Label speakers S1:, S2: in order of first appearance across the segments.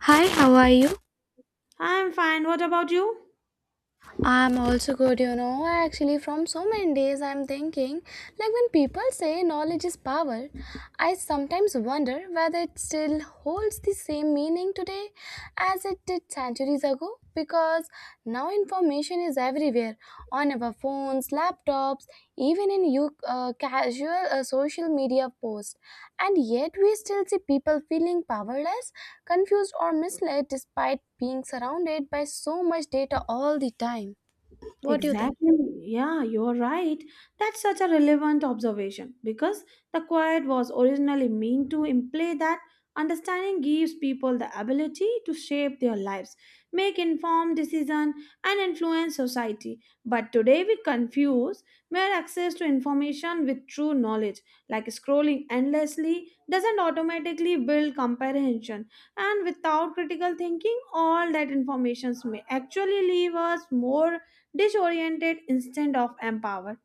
S1: Hi, how are you?
S2: I'm fine. What about you?
S1: I'm also good, you know. Actually, from so many days, I'm thinking like when people say knowledge is power, I sometimes wonder whether it still holds the same meaning today as it did centuries ago because now information is everywhere on our phones, laptops, even in you casual social media posts. And yet, we still see people feeling powerless, confused, or misled despite being surrounded by so much data all the time. What do you think?
S2: Exactly. Yeah, you're right. That's such a relevant observation because the quiet was originally meant to imply that understanding gives people the ability to shape their lives, make informed decisions, and influence society. But today we confuse mere access to information with true knowledge, like scrolling endlessly doesn't automatically build comprehension. And without critical thinking, all that information may actually leave us more disoriented instead of empowered.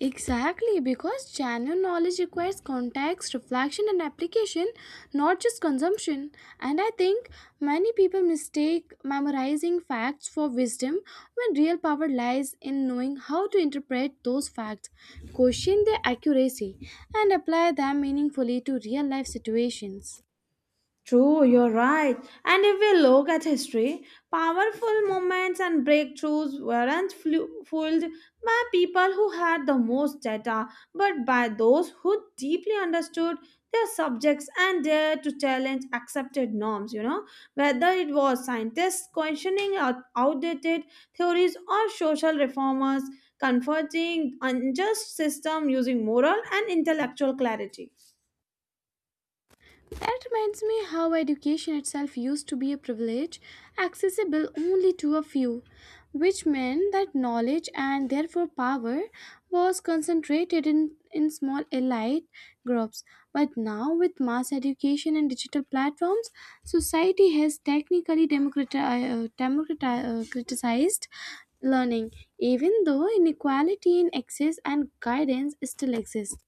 S1: Exactly, because genuine knowledge requires context, reflection, and application, not just consumption. And I think many people mistake memorizing facts for wisdom when real power lies in knowing how to interpret those facts, question their accuracy, and apply them meaningfully to real life situations.
S2: True, you're right. And if we look at history, powerful moments and breakthroughs weren't fueled by people who had the most data, but by those who deeply understood their subjects and dared to challenge accepted norms, whether it was scientists questioning outdated theories or social reformers confronting unjust system using moral and intellectual clarity.
S1: That reminds me how education itself used to be a privilege accessible only to a few, which meant that knowledge and therefore power was concentrated in small elite groups. But now, with mass education and digital platforms, society has technically criticized learning, even though inequality in access and guidance still exists.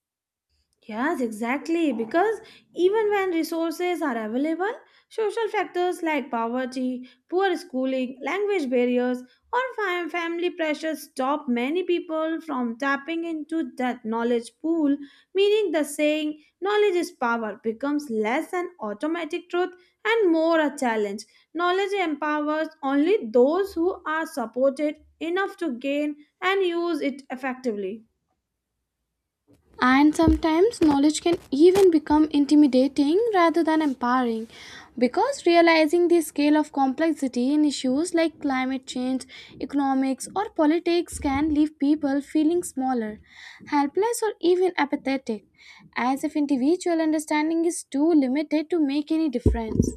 S2: Yes, exactly. Because even when resources are available, social factors like poverty, poor schooling, language barriers, or family pressures stop many people from tapping into that knowledge pool, meaning the saying, knowledge is power, becomes less an automatic truth and more a challenge. Knowledge empowers only those who are supported enough to gain and use it effectively.
S1: And sometimes knowledge can even become intimidating rather than empowering because realizing the scale of complexity in issues like climate change, economics, or politics can leave people feeling smaller, helpless, or even apathetic, as if individual understanding is too limited to make any difference.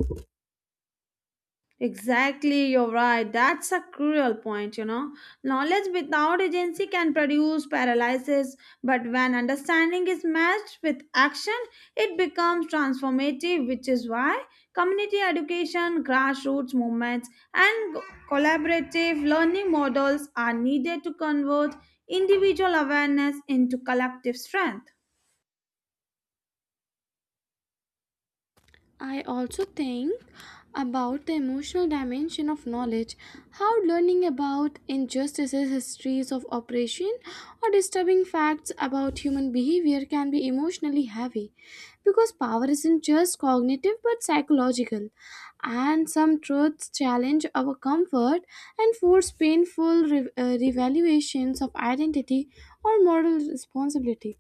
S2: Exactly, you're right. That's a cruel point. Knowledge without agency can produce paralysis, but when understanding is matched with action, it becomes transformative, which is why community education, grassroots movements, and collaborative learning models are needed to convert individual awareness into collective strength.
S1: I also think about the emotional dimension of knowledge, how learning about injustices, histories of oppression, or disturbing facts about human behavior can be emotionally heavy because power isn't just cognitive but psychological, and some truths challenge our comfort and force painful revaluations of identity or moral responsibility.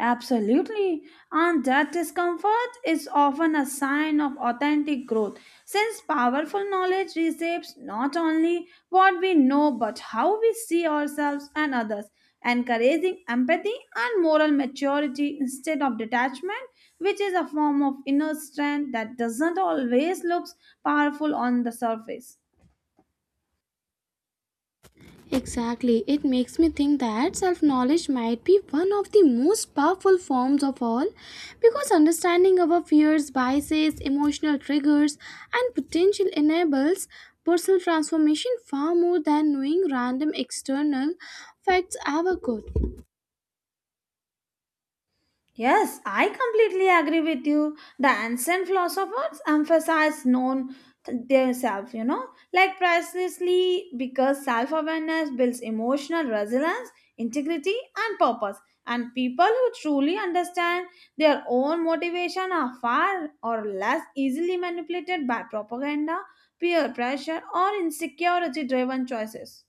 S2: Absolutely. And that discomfort is often a sign of authentic growth, since powerful knowledge reshapes not only what we know but how we see ourselves and others, encouraging empathy and moral maturity instead of detachment, which is a form of inner strength that doesn't always look powerful on the surface.
S1: Exactly. It makes me think that self knowledge might be one of the most powerful forms of all because understanding our fears, biases, emotional triggers, and potential enables personal transformation far more than knowing random external facts ever could.
S2: Yes, I completely agree with you. The ancient philosophers emphasize known their self, like precisely because self awareness builds emotional resilience, integrity, and purpose. And people who truly understand their own motivation are far or less easily manipulated by propaganda, peer pressure, or insecurity driven choices.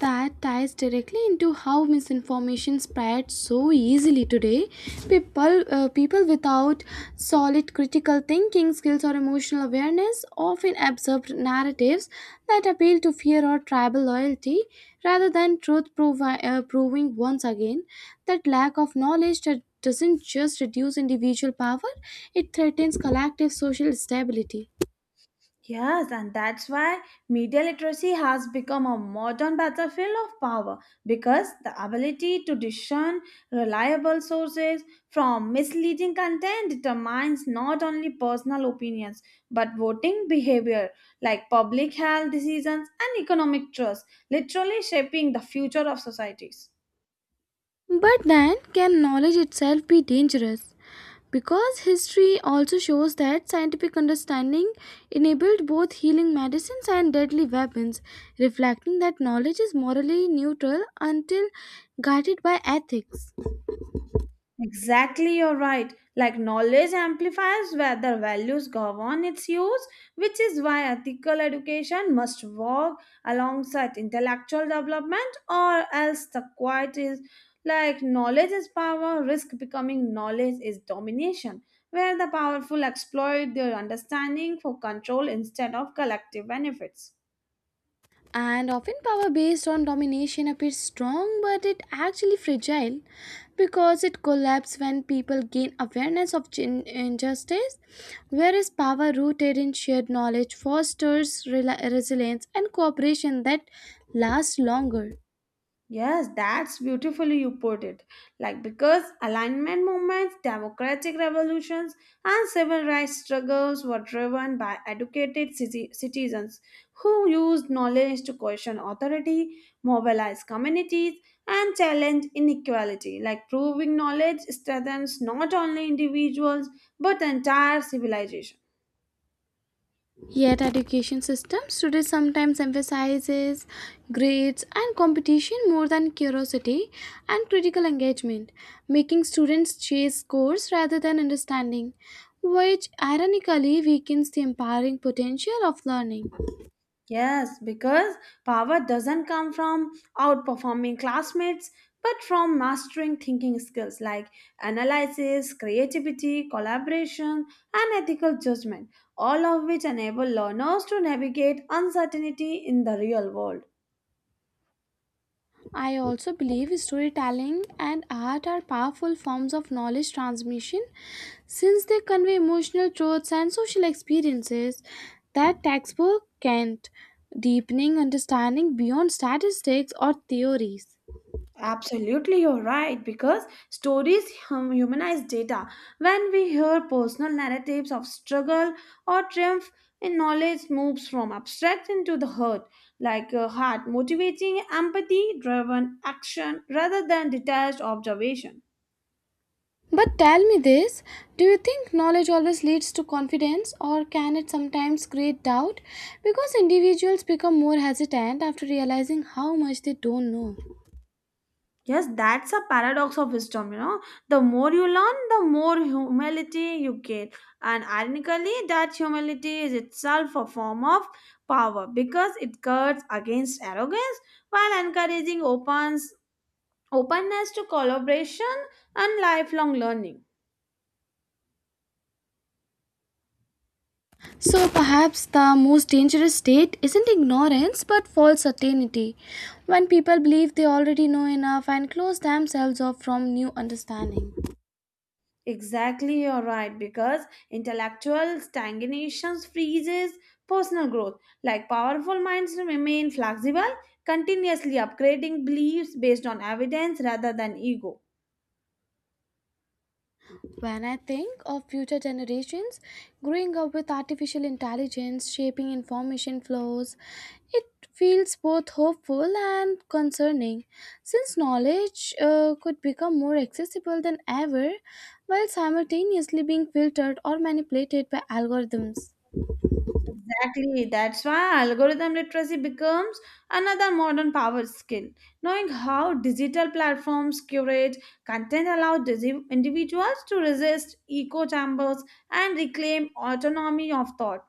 S1: That ties directly into how misinformation spreads so easily today. People without solid critical thinking skills or emotional awareness often absorb narratives that appeal to fear or tribal loyalty rather than truth proving once again that lack of knowledge that doesn't just reduce individual power, it threatens collective social stability.
S2: Yes, and that's why media literacy has become a modern battlefield of power because the ability to discern reliable sources from misleading content determines not only personal opinions but voting behavior like public health decisions and economic trust, literally shaping the future of societies.
S1: But then, can knowledge itself be dangerous? Because history also shows that scientific understanding enabled both healing medicines and deadly weapons, reflecting that knowledge is morally neutral until guided by ethics.
S2: Exactly, you're right. Like knowledge amplifies where the values govern its use, which is why ethical education must work alongside intellectual development, or else the quiet is like knowledge is power, risk becoming knowledge is domination, where the powerful exploit their understanding for control instead of collective benefits.
S1: And often, power based on domination appears strong, but it actually fragile because it collapses when people gain awareness of injustice, whereas power rooted in shared knowledge fosters rela resilience and cooperation that lasts longer.
S2: Yes, that's beautifully you put it. Like, because alignment movements, democratic revolutions, and civil rights struggles were driven by educated citizens who used knowledge to question authority, mobilize communities, and challenge inequality. Like, proving knowledge strengthens not only individuals but entire civilizations.
S1: Yet, education systems today sometimes emphasizes grades and competition more than curiosity and critical engagement, making students chase scores rather than understanding, which ironically weakens the empowering potential of learning.
S2: Yes, because power doesn't come from outperforming classmates, but from mastering thinking skills like analysis, creativity, collaboration, and ethical judgment, all of which enable learners to navigate uncertainty in the real world.
S1: I also believe storytelling and art are powerful forms of knowledge transmission since they convey emotional truths and social experiences that textbook can't, deepening understanding beyond statistics or theories.
S2: Absolutely, you're right. Because stories humanize data. When we hear personal narratives of struggle or triumph, and knowledge moves from abstract into the heart, like a heart, motivating empathy driven action rather than detached observation.
S1: But tell me this, do you think knowledge always leads to confidence, or can it sometimes create doubt? Because individuals become more hesitant after realizing how much they don't know.
S2: Yes, that's a paradox of wisdom. The more you learn, the more humility you get. And ironically, that humility is itself a form of power because it cuts against arrogance while encouraging openness to collaboration and lifelong learning.
S1: So perhaps the most dangerous state isn't ignorance but false certainty, when people believe they already know enough and close themselves off from new understanding.
S2: Exactly, you're right. Because intellectual stagnation freezes personal growth. Like powerful minds remain flexible, continuously upgrading beliefs based on evidence rather than ego.
S1: When I think of future generations growing up with artificial intelligence shaping information flows, it feels both hopeful and concerning since knowledge could become more accessible than ever while simultaneously being filtered or manipulated by algorithms.
S2: Exactly. That's why algorithm literacy becomes another modern power skill. Knowing how digital platforms curate content allows individuals to resist echo chambers and reclaim autonomy of thought.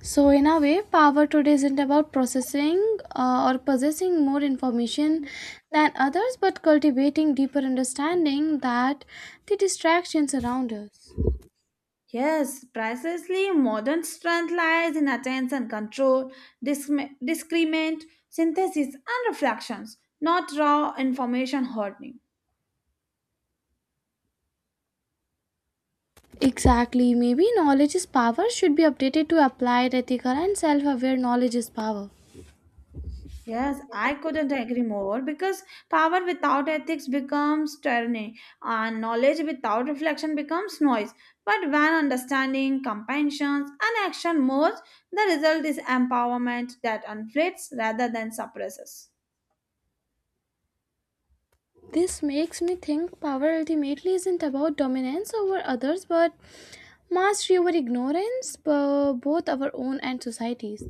S1: So, in a way, power today isn't about processing or possessing more information than others, but cultivating deeper understanding that the distractions around us.
S2: Yes, precisely. Modern strength lies in attention control, discriminant synthesis, and reflections, not raw information hoarding.
S1: Exactly, maybe knowledge is power should be updated to applied, ethical, and self aware knowledge is power.
S2: Yes, I couldn't agree more because power without ethics becomes tyranny and knowledge without reflection becomes noise. But when understanding, compassion, and action merge, the result is empowerment that inflates rather than suppresses.
S1: This makes me think power ultimately isn't about dominance over others, but mastery over ignorance, both our own and societies.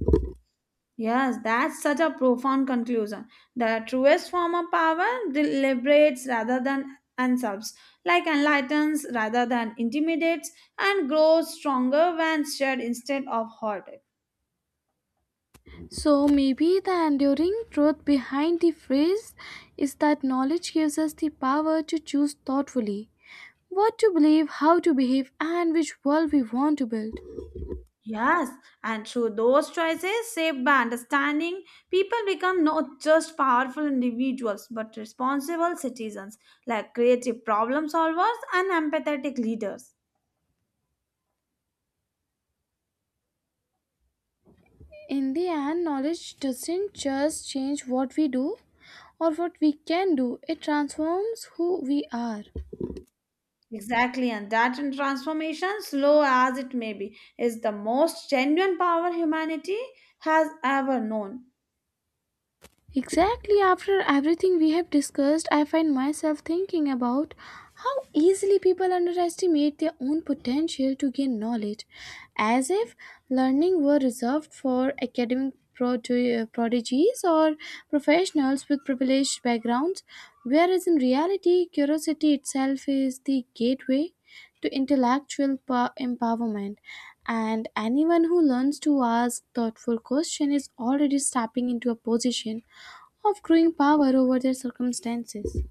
S2: Yes, that's such a profound conclusion. The truest form of power deliberates rather than usurps, like enlightens rather than intimidates, and grows stronger when shared instead of hoarded.
S1: So maybe the enduring truth behind the phrase is that knowledge gives us the power to choose thoughtfully what to believe, how to behave, and which world we want to build.
S2: Yes, and through those choices, shaped by understanding, people become not just powerful individuals but responsible citizens, like creative problem solvers and empathetic leaders.
S1: In the end, knowledge doesn't just change what we do or what we can do, it transforms who we are.
S2: Exactly, and that in transformation, slow as it may be, is the most genuine power humanity has ever known.
S1: Exactly, after everything we have discussed, I find myself thinking about how easily people underestimate their own potential to gain knowledge, as if learning were reserved for academic prodigies or professionals with privileged backgrounds, whereas in reality, curiosity itself is the gateway to intellectual empowerment and anyone who learns to ask thoughtful questions is already stepping into a position of growing power over their circumstances.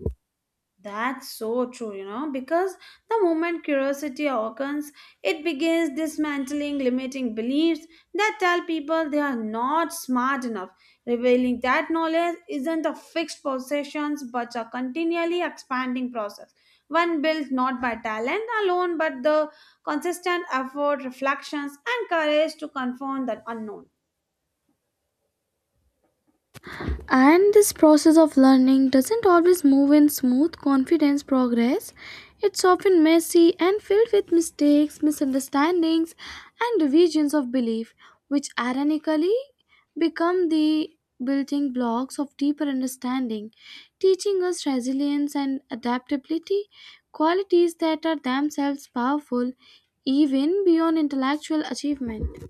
S2: That's so true, because the moment curiosity awakens, it begins dismantling limiting beliefs that tell people they are not smart enough. Revealing that knowledge isn't a fixed possession but a continually expanding process. One built not by talent alone but the consistent effort, reflections, and courage to confront the unknown.
S1: And this process of learning doesn't always move in smooth, confident progress. It's often messy and filled with mistakes, misunderstandings, and revisions of belief, which ironically become the building blocks of deeper understanding, teaching us resilience and adaptability, qualities that are themselves powerful even beyond intellectual achievement.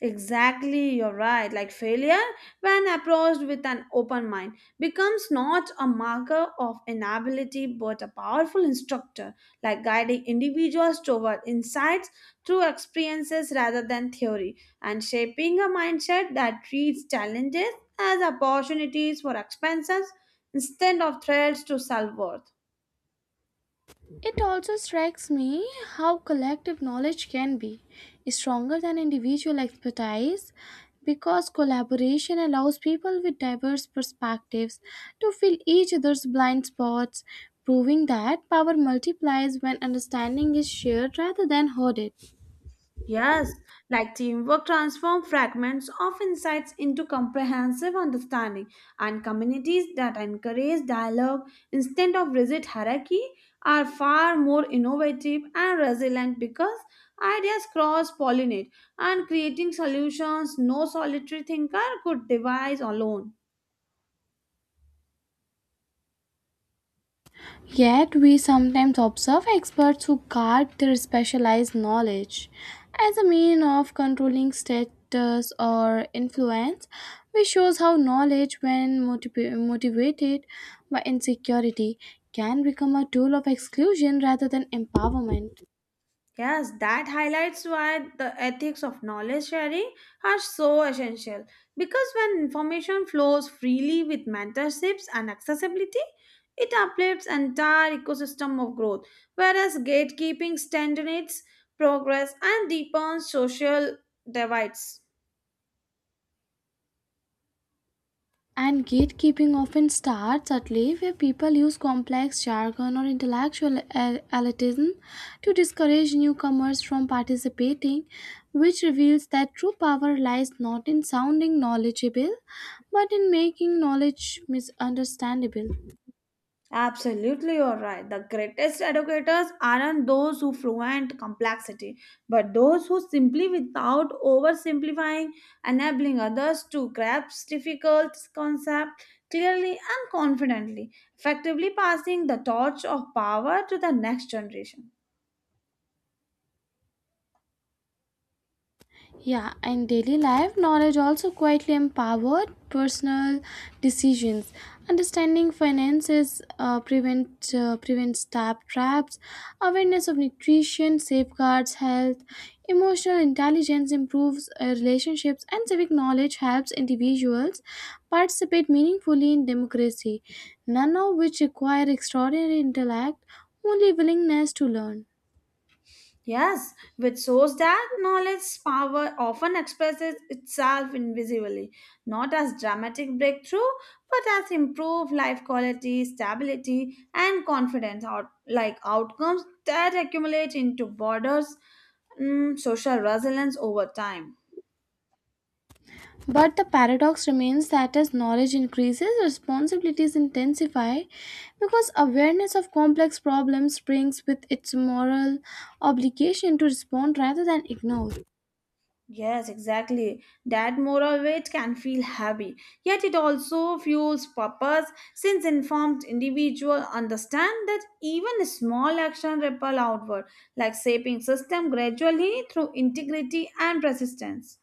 S2: Exactly, you're right. Like failure, when approached with an open mind, becomes not a marker of inability but a powerful instructor, like guiding individuals toward insights through experiences rather than theory, and shaping a mindset that treats challenges as opportunities for expansions instead of threats to self worth.
S1: It also strikes me how collective knowledge can be stronger than individual expertise because collaboration allows people with diverse perspectives to fill each other's blind spots, proving that power multiplies when understanding is shared rather than hoarded.
S2: Yes, like teamwork transforms fragments of insights into comprehensive understanding, and communities that encourage dialogue instead of rigid hierarchy are far more innovative and resilient because ideas cross pollinate and creating solutions no solitary thinker could devise alone.
S1: Yet, we sometimes observe experts who guard their specialized knowledge as a mean of controlling status or influence, which shows how knowledge, when motivated by insecurity, can become a tool of exclusion rather than empowerment.
S2: Yes, that highlights why the ethics of knowledge sharing are so essential. Because when information flows freely with mentorships and accessibility, it uplifts entire ecosystem of growth, whereas gatekeeping stagnates progress and deepens social divides.
S1: And gatekeeping often starts at play where people use complex jargon or intellectual elitism to discourage newcomers from participating, which reveals that true power lies not in sounding knowledgeable but in making knowledge misunderstandable.
S2: Absolutely, you're right. The greatest educators aren't those who fluent complexity, but those who simply, without oversimplifying, enabling others to grasp difficult concepts clearly and confidently, effectively passing the torch of power to the next generation.
S1: Yeah, in daily life, knowledge also quietly empowered personal decisions. Understanding finances prevents tap traps. Awareness of nutrition safeguards health. Emotional intelligence improves relationships, and civic knowledge helps individuals participate meaningfully in democracy. None of which require extraordinary intellect, only willingness to learn.
S2: Yes, which shows that knowledge's power often expresses itself invisibly, not as dramatic breakthrough, but as improved life quality, stability, and confidence, like outcomes that accumulate into borders, social resilience over time.
S1: But the paradox remains that as knowledge increases, responsibilities intensify because awareness of complex problems brings with its moral obligation to respond rather than ignore.
S2: Yes, exactly. That moral weight can feel heavy, yet it also fuels purpose since informed individual understand that even a small action ripple outward, like shaping system gradually through integrity and persistence.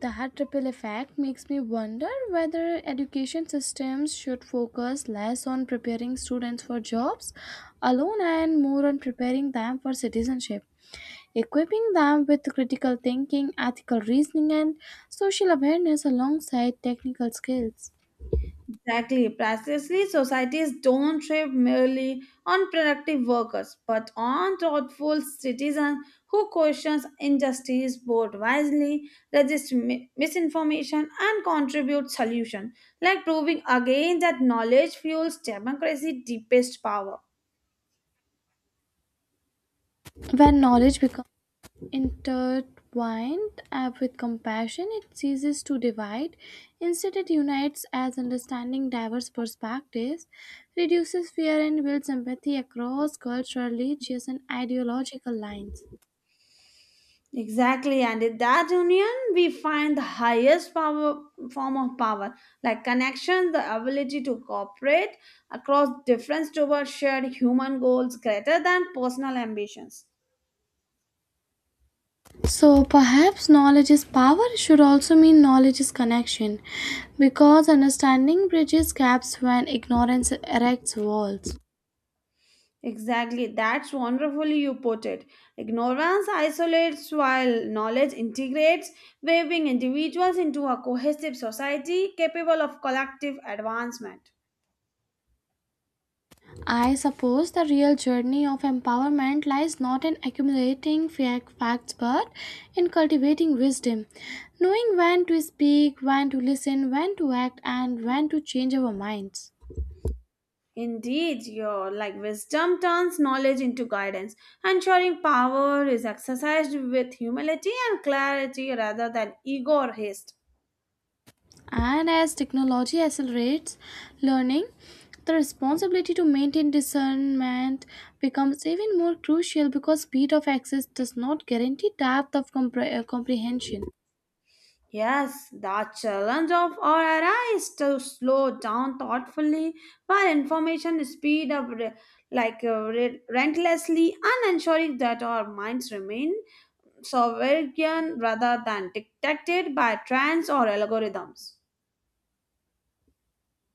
S1: That ripple effect makes me wonder whether education systems should focus less on preparing students for jobs alone and more on preparing them for citizenship, equipping them with critical thinking, ethical reasoning, and social awareness alongside technical skills.
S2: Exactly. Precisely, societies don't thrive merely on productive workers, but on thoughtful citizens who questions injustice, vote wisely, resist misinformation, and contribute solution, like proving again that knowledge fuels democracy' deepest power.
S1: When knowledge becomes intertwined with compassion, it ceases to divide. Instead, it unites as understanding diverse perspectives, reduces fear, and builds empathy across cultural, religious, and ideological lines.
S2: Exactly, and in that union, we find the highest power form of power, like connection, the ability to cooperate across difference towards shared human goals greater than personal ambitions.
S1: So, perhaps knowledge is power should also mean knowledge is connection, because understanding bridges gaps when ignorance erects walls.
S2: Exactly, that's wonderfully you put it. Ignorance isolates while knowledge integrates, waving individuals into a cohesive society capable of collective advancement.
S1: I suppose the real journey of empowerment lies not in accumulating facts but in cultivating wisdom, knowing when to speak, when to listen, when to act, and when to change our minds.
S2: Indeed, your like wisdom turns knowledge into guidance, ensuring power is exercised with humility and clarity rather than ego or haste.
S1: And as technology accelerates learning, the responsibility to maintain discernment becomes even more crucial because speed of access does not guarantee depth of comprehension.
S2: Yes, the challenge of our era is to slow down thoughtfully while information speed up relentlessly and ensuring that our minds remain sovereign rather than dictated by trends or algorithms.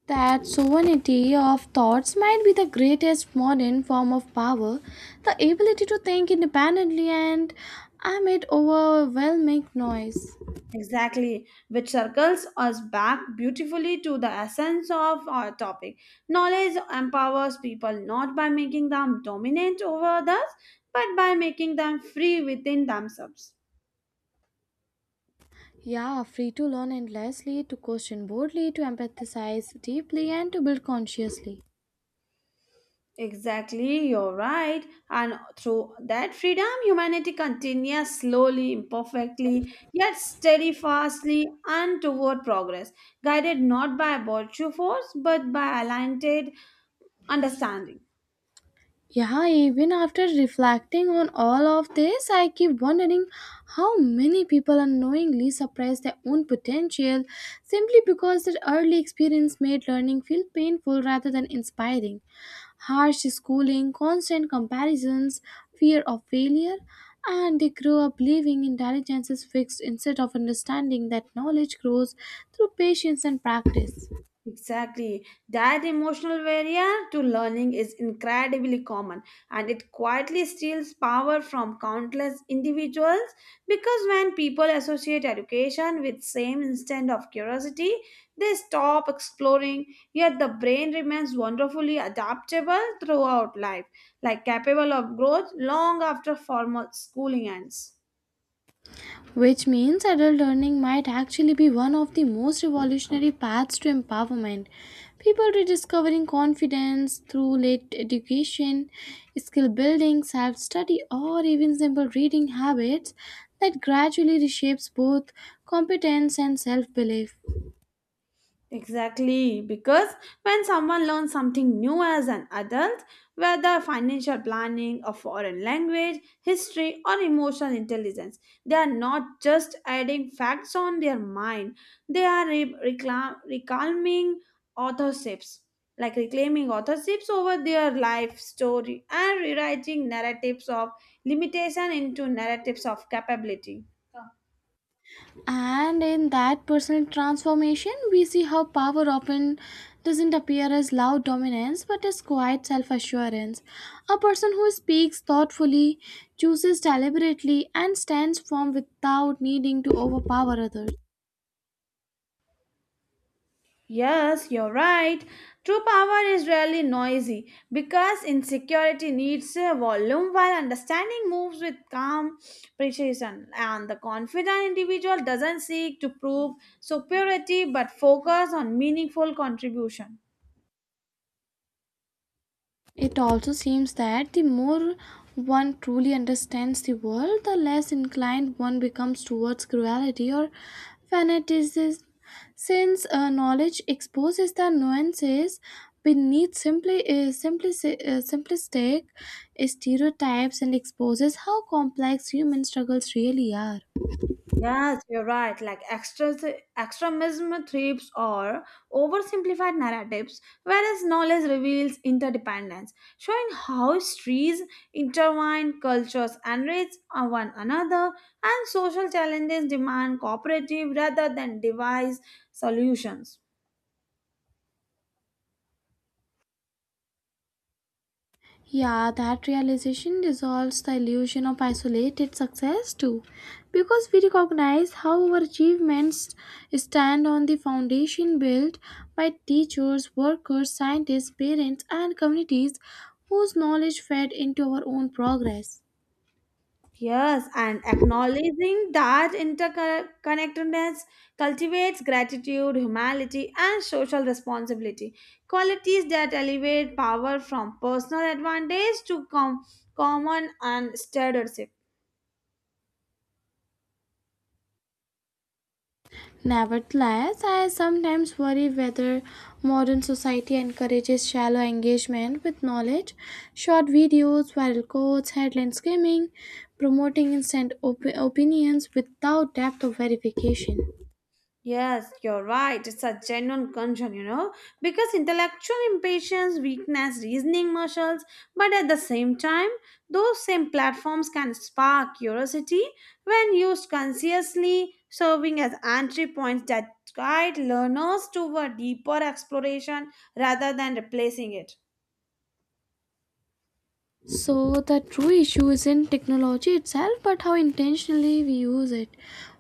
S1: That sovereignty of thoughts might be the greatest modern form of power, the ability to think independently and amid overwhelming noise.
S2: Exactly, which circles us back beautifully to the essence of our topic. Knowledge empowers people not by making them dominant over others, but by making them free within themselves.
S1: Yeah, free to learn endlessly, to question boldly, to empathize deeply, and to build consciously.
S2: Exactly, you're right. And through that freedom, humanity continues slowly, imperfectly, yet steadfastly and toward progress, guided not by a virtue force, but by aligned understanding.
S1: Yeah, even after reflecting on all of this, I keep wondering how many people unknowingly suppress their own potential simply because their early experience made learning feel painful rather than inspiring. Harsh schooling, constant comparisons, fear of failure, and they grow up believing intelligence is fixed instead of understanding that knowledge grows through patience and practice.
S2: Exactly. That emotional barrier to learning is incredibly common and it quietly steals power from countless individuals because when people associate education with same instant of curiosity, they stop exploring, yet the brain remains wonderfully adaptable throughout life, like capable of growth long after formal schooling ends.
S1: Which means adult learning might actually be one of the most revolutionary paths to empowerment. People rediscovering confidence through late education, skill building, self study, or even simple reading habits that gradually reshapes both competence and self belief.
S2: Exactly, because when someone learns something new as an adult, whether financial planning, a foreign language, history, or emotional intelligence, they are not just adding facts on their mind, they are reclaiming authorships, like reclaiming authorships over their life story and rewriting narratives of limitation into narratives of capability.
S1: And in that personal transformation, we see how power often doesn't appear as loud dominance but as quiet self assurance. A person who speaks thoughtfully, chooses deliberately, and stands firm without needing to overpower others.
S2: Yes, you're right. True power is rarely noisy because insecurity needs a volume while understanding moves with calm precision. And the confident individual doesn't seek to prove superiority but focus on meaningful contribution.
S1: It also seems that the more one truly understands the world, the less inclined one becomes towards cruelty or fanaticism, since knowledge exposes the nuances beneath simplistic stereotypes and exposes how complex human struggles really are.
S2: Yes, you're right. Like extremism thrives or oversimplified narratives, whereas knowledge reveals interdependence, showing how histories intertwine, cultures enrich one another, and social challenges demand cooperative rather than device solutions.
S1: Yeah, that realization dissolves the illusion of isolated success too, because we recognize how our achievements stand on the foundation built by teachers, workers, scientists, parents, and communities whose knowledge fed into our own progress.
S2: Yes, and acknowledging that interconnectedness cultivates gratitude, humility, and social responsibility. Qualities that elevate power from personal advantage to common and stewardship.
S1: Nevertheless, I sometimes worry whether modern society encourages shallow engagement with knowledge, short videos, viral quotes, headline skimming, promoting instant opinions without depth of verification.
S2: Yes, you're right. It's a genuine concern, because intellectual impatience, weakness, reasoning muscles, but at the same time, those same platforms can spark curiosity when used consciously, serving as entry points that guide learners toward deeper exploration rather than replacing it.
S1: So, the true issue isn't technology itself, but how intentionally we use it,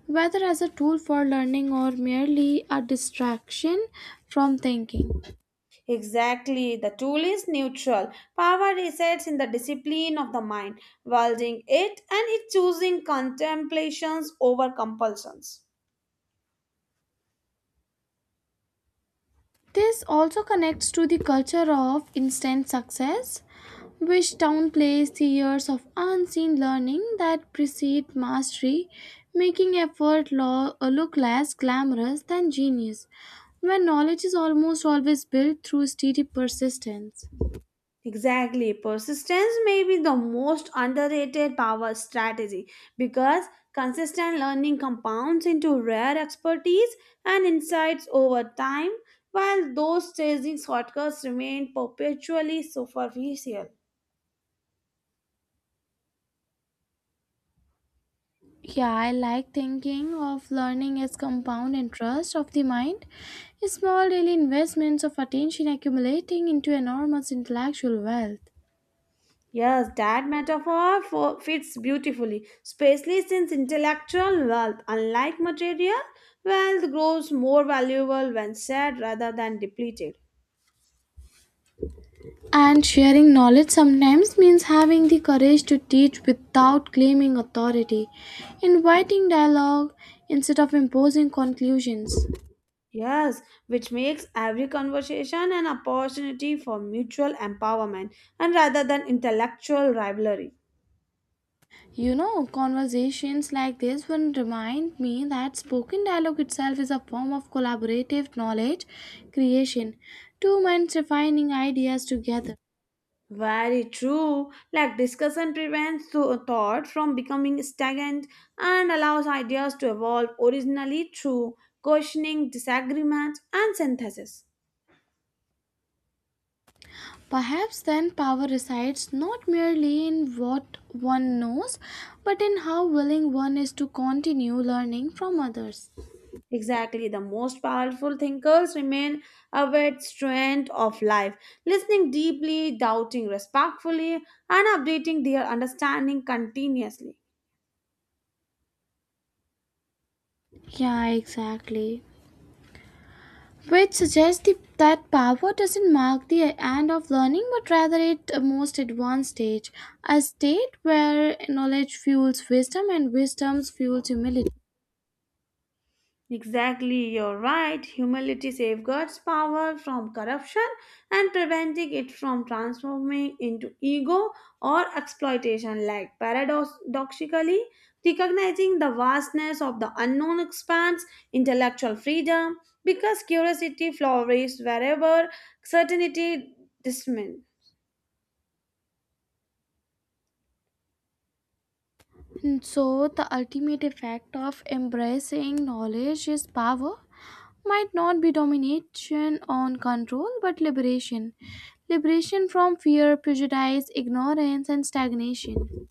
S1: whether as a tool for learning or merely a distraction from thinking.
S2: Exactly. The tool is neutral. Power resides in the discipline of the mind, wielding it and it choosing contemplations over compulsions.
S1: This also connects to the culture of instant success, which downplays the years of unseen learning that precede mastery, making effort look less glamorous than genius, when knowledge is almost always built through steady persistence.
S2: Exactly. Persistence may be the most underrated power strategy because consistent learning compounds into rare expertise and insights over time, while those chasing shortcuts remain perpetually superficial.
S1: Yeah, I like thinking of learning as compound interest of the mind, small daily investments of attention accumulating into enormous intellectual wealth.
S2: Yes, that metaphor fits beautifully, especially since intellectual wealth, unlike material wealth, grows more valuable when shared rather than depleted.
S1: And sharing knowledge sometimes means having the courage to teach without claiming authority, inviting dialogue instead of imposing conclusions.
S2: Yes, which makes every conversation an opportunity for mutual empowerment and rather than intellectual rivalry.
S1: You know, conversations like this will remind me that spoken dialogue itself is a form of collaborative knowledge creation, two minds refining ideas together.
S2: Very true. Like discussion prevents thought from becoming stagnant and allows ideas to evolve originally through questioning, disagreements, and synthesis.
S1: Perhaps then power resides not merely in what one knows, but in how willing one is to continue learning from others.
S2: Exactly, the most powerful thinkers remain aware strength of life, listening deeply, doubting respectfully, and updating their understanding continuously.
S1: Yeah, exactly. Which suggests that power doesn't mark the end of learning, but rather it most advanced stage, a state where knowledge fuels wisdom and wisdom fuels humility.
S2: Exactly, you're right. Humility safeguards power from corruption and preventing it from transforming into ego or exploitation. Like paradoxically, recognizing the vastness of the unknown expands intellectual freedom because curiosity flourishes wherever certainty dismisses.
S1: And so, the ultimate effect of embracing knowledge is power might not be domination on control, but liberation. Liberation from fear, prejudice, ignorance, and stagnation.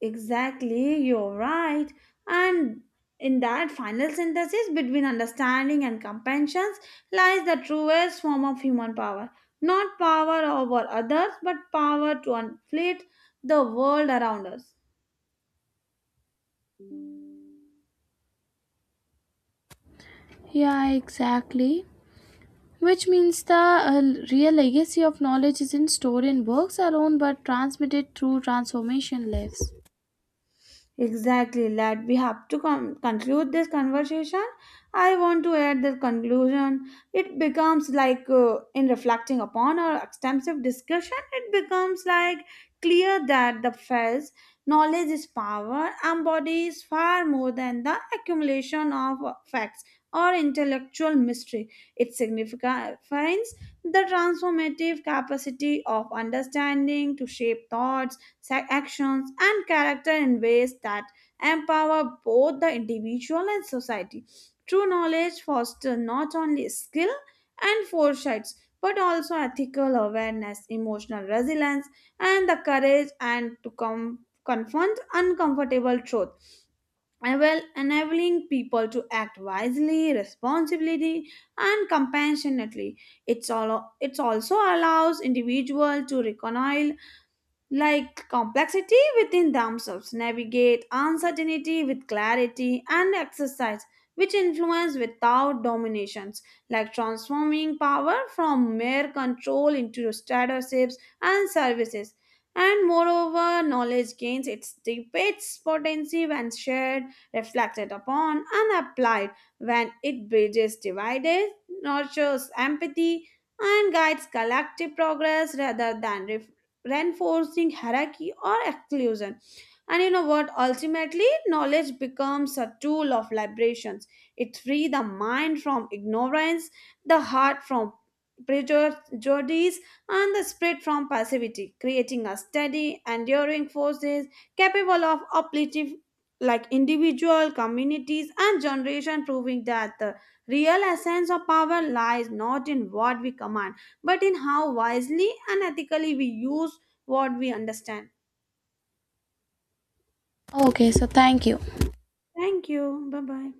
S2: Exactly, you're right. And in that final synthesis between understanding and compassion lies the truest form of human power. Not power over others, but power to inflict the world around us.
S1: Yeah, exactly. Which means the real legacy of knowledge isn't stored in books alone but transmitted through transformation lives.
S2: Exactly, lad. We have to conclude this conversation. I want to add the conclusion. It becomes like, in reflecting upon our extensive discussion, it becomes like clear that the first knowledge is power, embodies far more than the accumulation of facts or intellectual mystery. It signifies the transformative capacity of understanding to shape thoughts actions and character in ways that empower both the individual and society. True knowledge fosters not only skill and foresights but also ethical awareness, emotional resilience, and the courage and to confront uncomfortable truth, enabling people to act wisely, responsibly, and compassionately. It also allows individual to reconcile like complexity within themselves, navigate uncertainty with clarity and exercise, which influence without dominations, like transforming power from mere control into statuses and services. And moreover, knowledge gains its debates potency when shared, reflected upon, and applied when it bridges divided, nurtures empathy, and guides collective progress rather than reinforcing hierarchy or exclusion. And you know what? Ultimately, knowledge becomes a tool of liberations. It frees the mind from ignorance, the heart from prejudice, and the spirit from passivity, creating a steady, enduring forces capable of uplifting like individual communities and generation proving that the real essence of power lies not in what we command but in how wisely and ethically we use what we understand.
S1: Okay, so thank you.
S2: Thank you. Bye bye.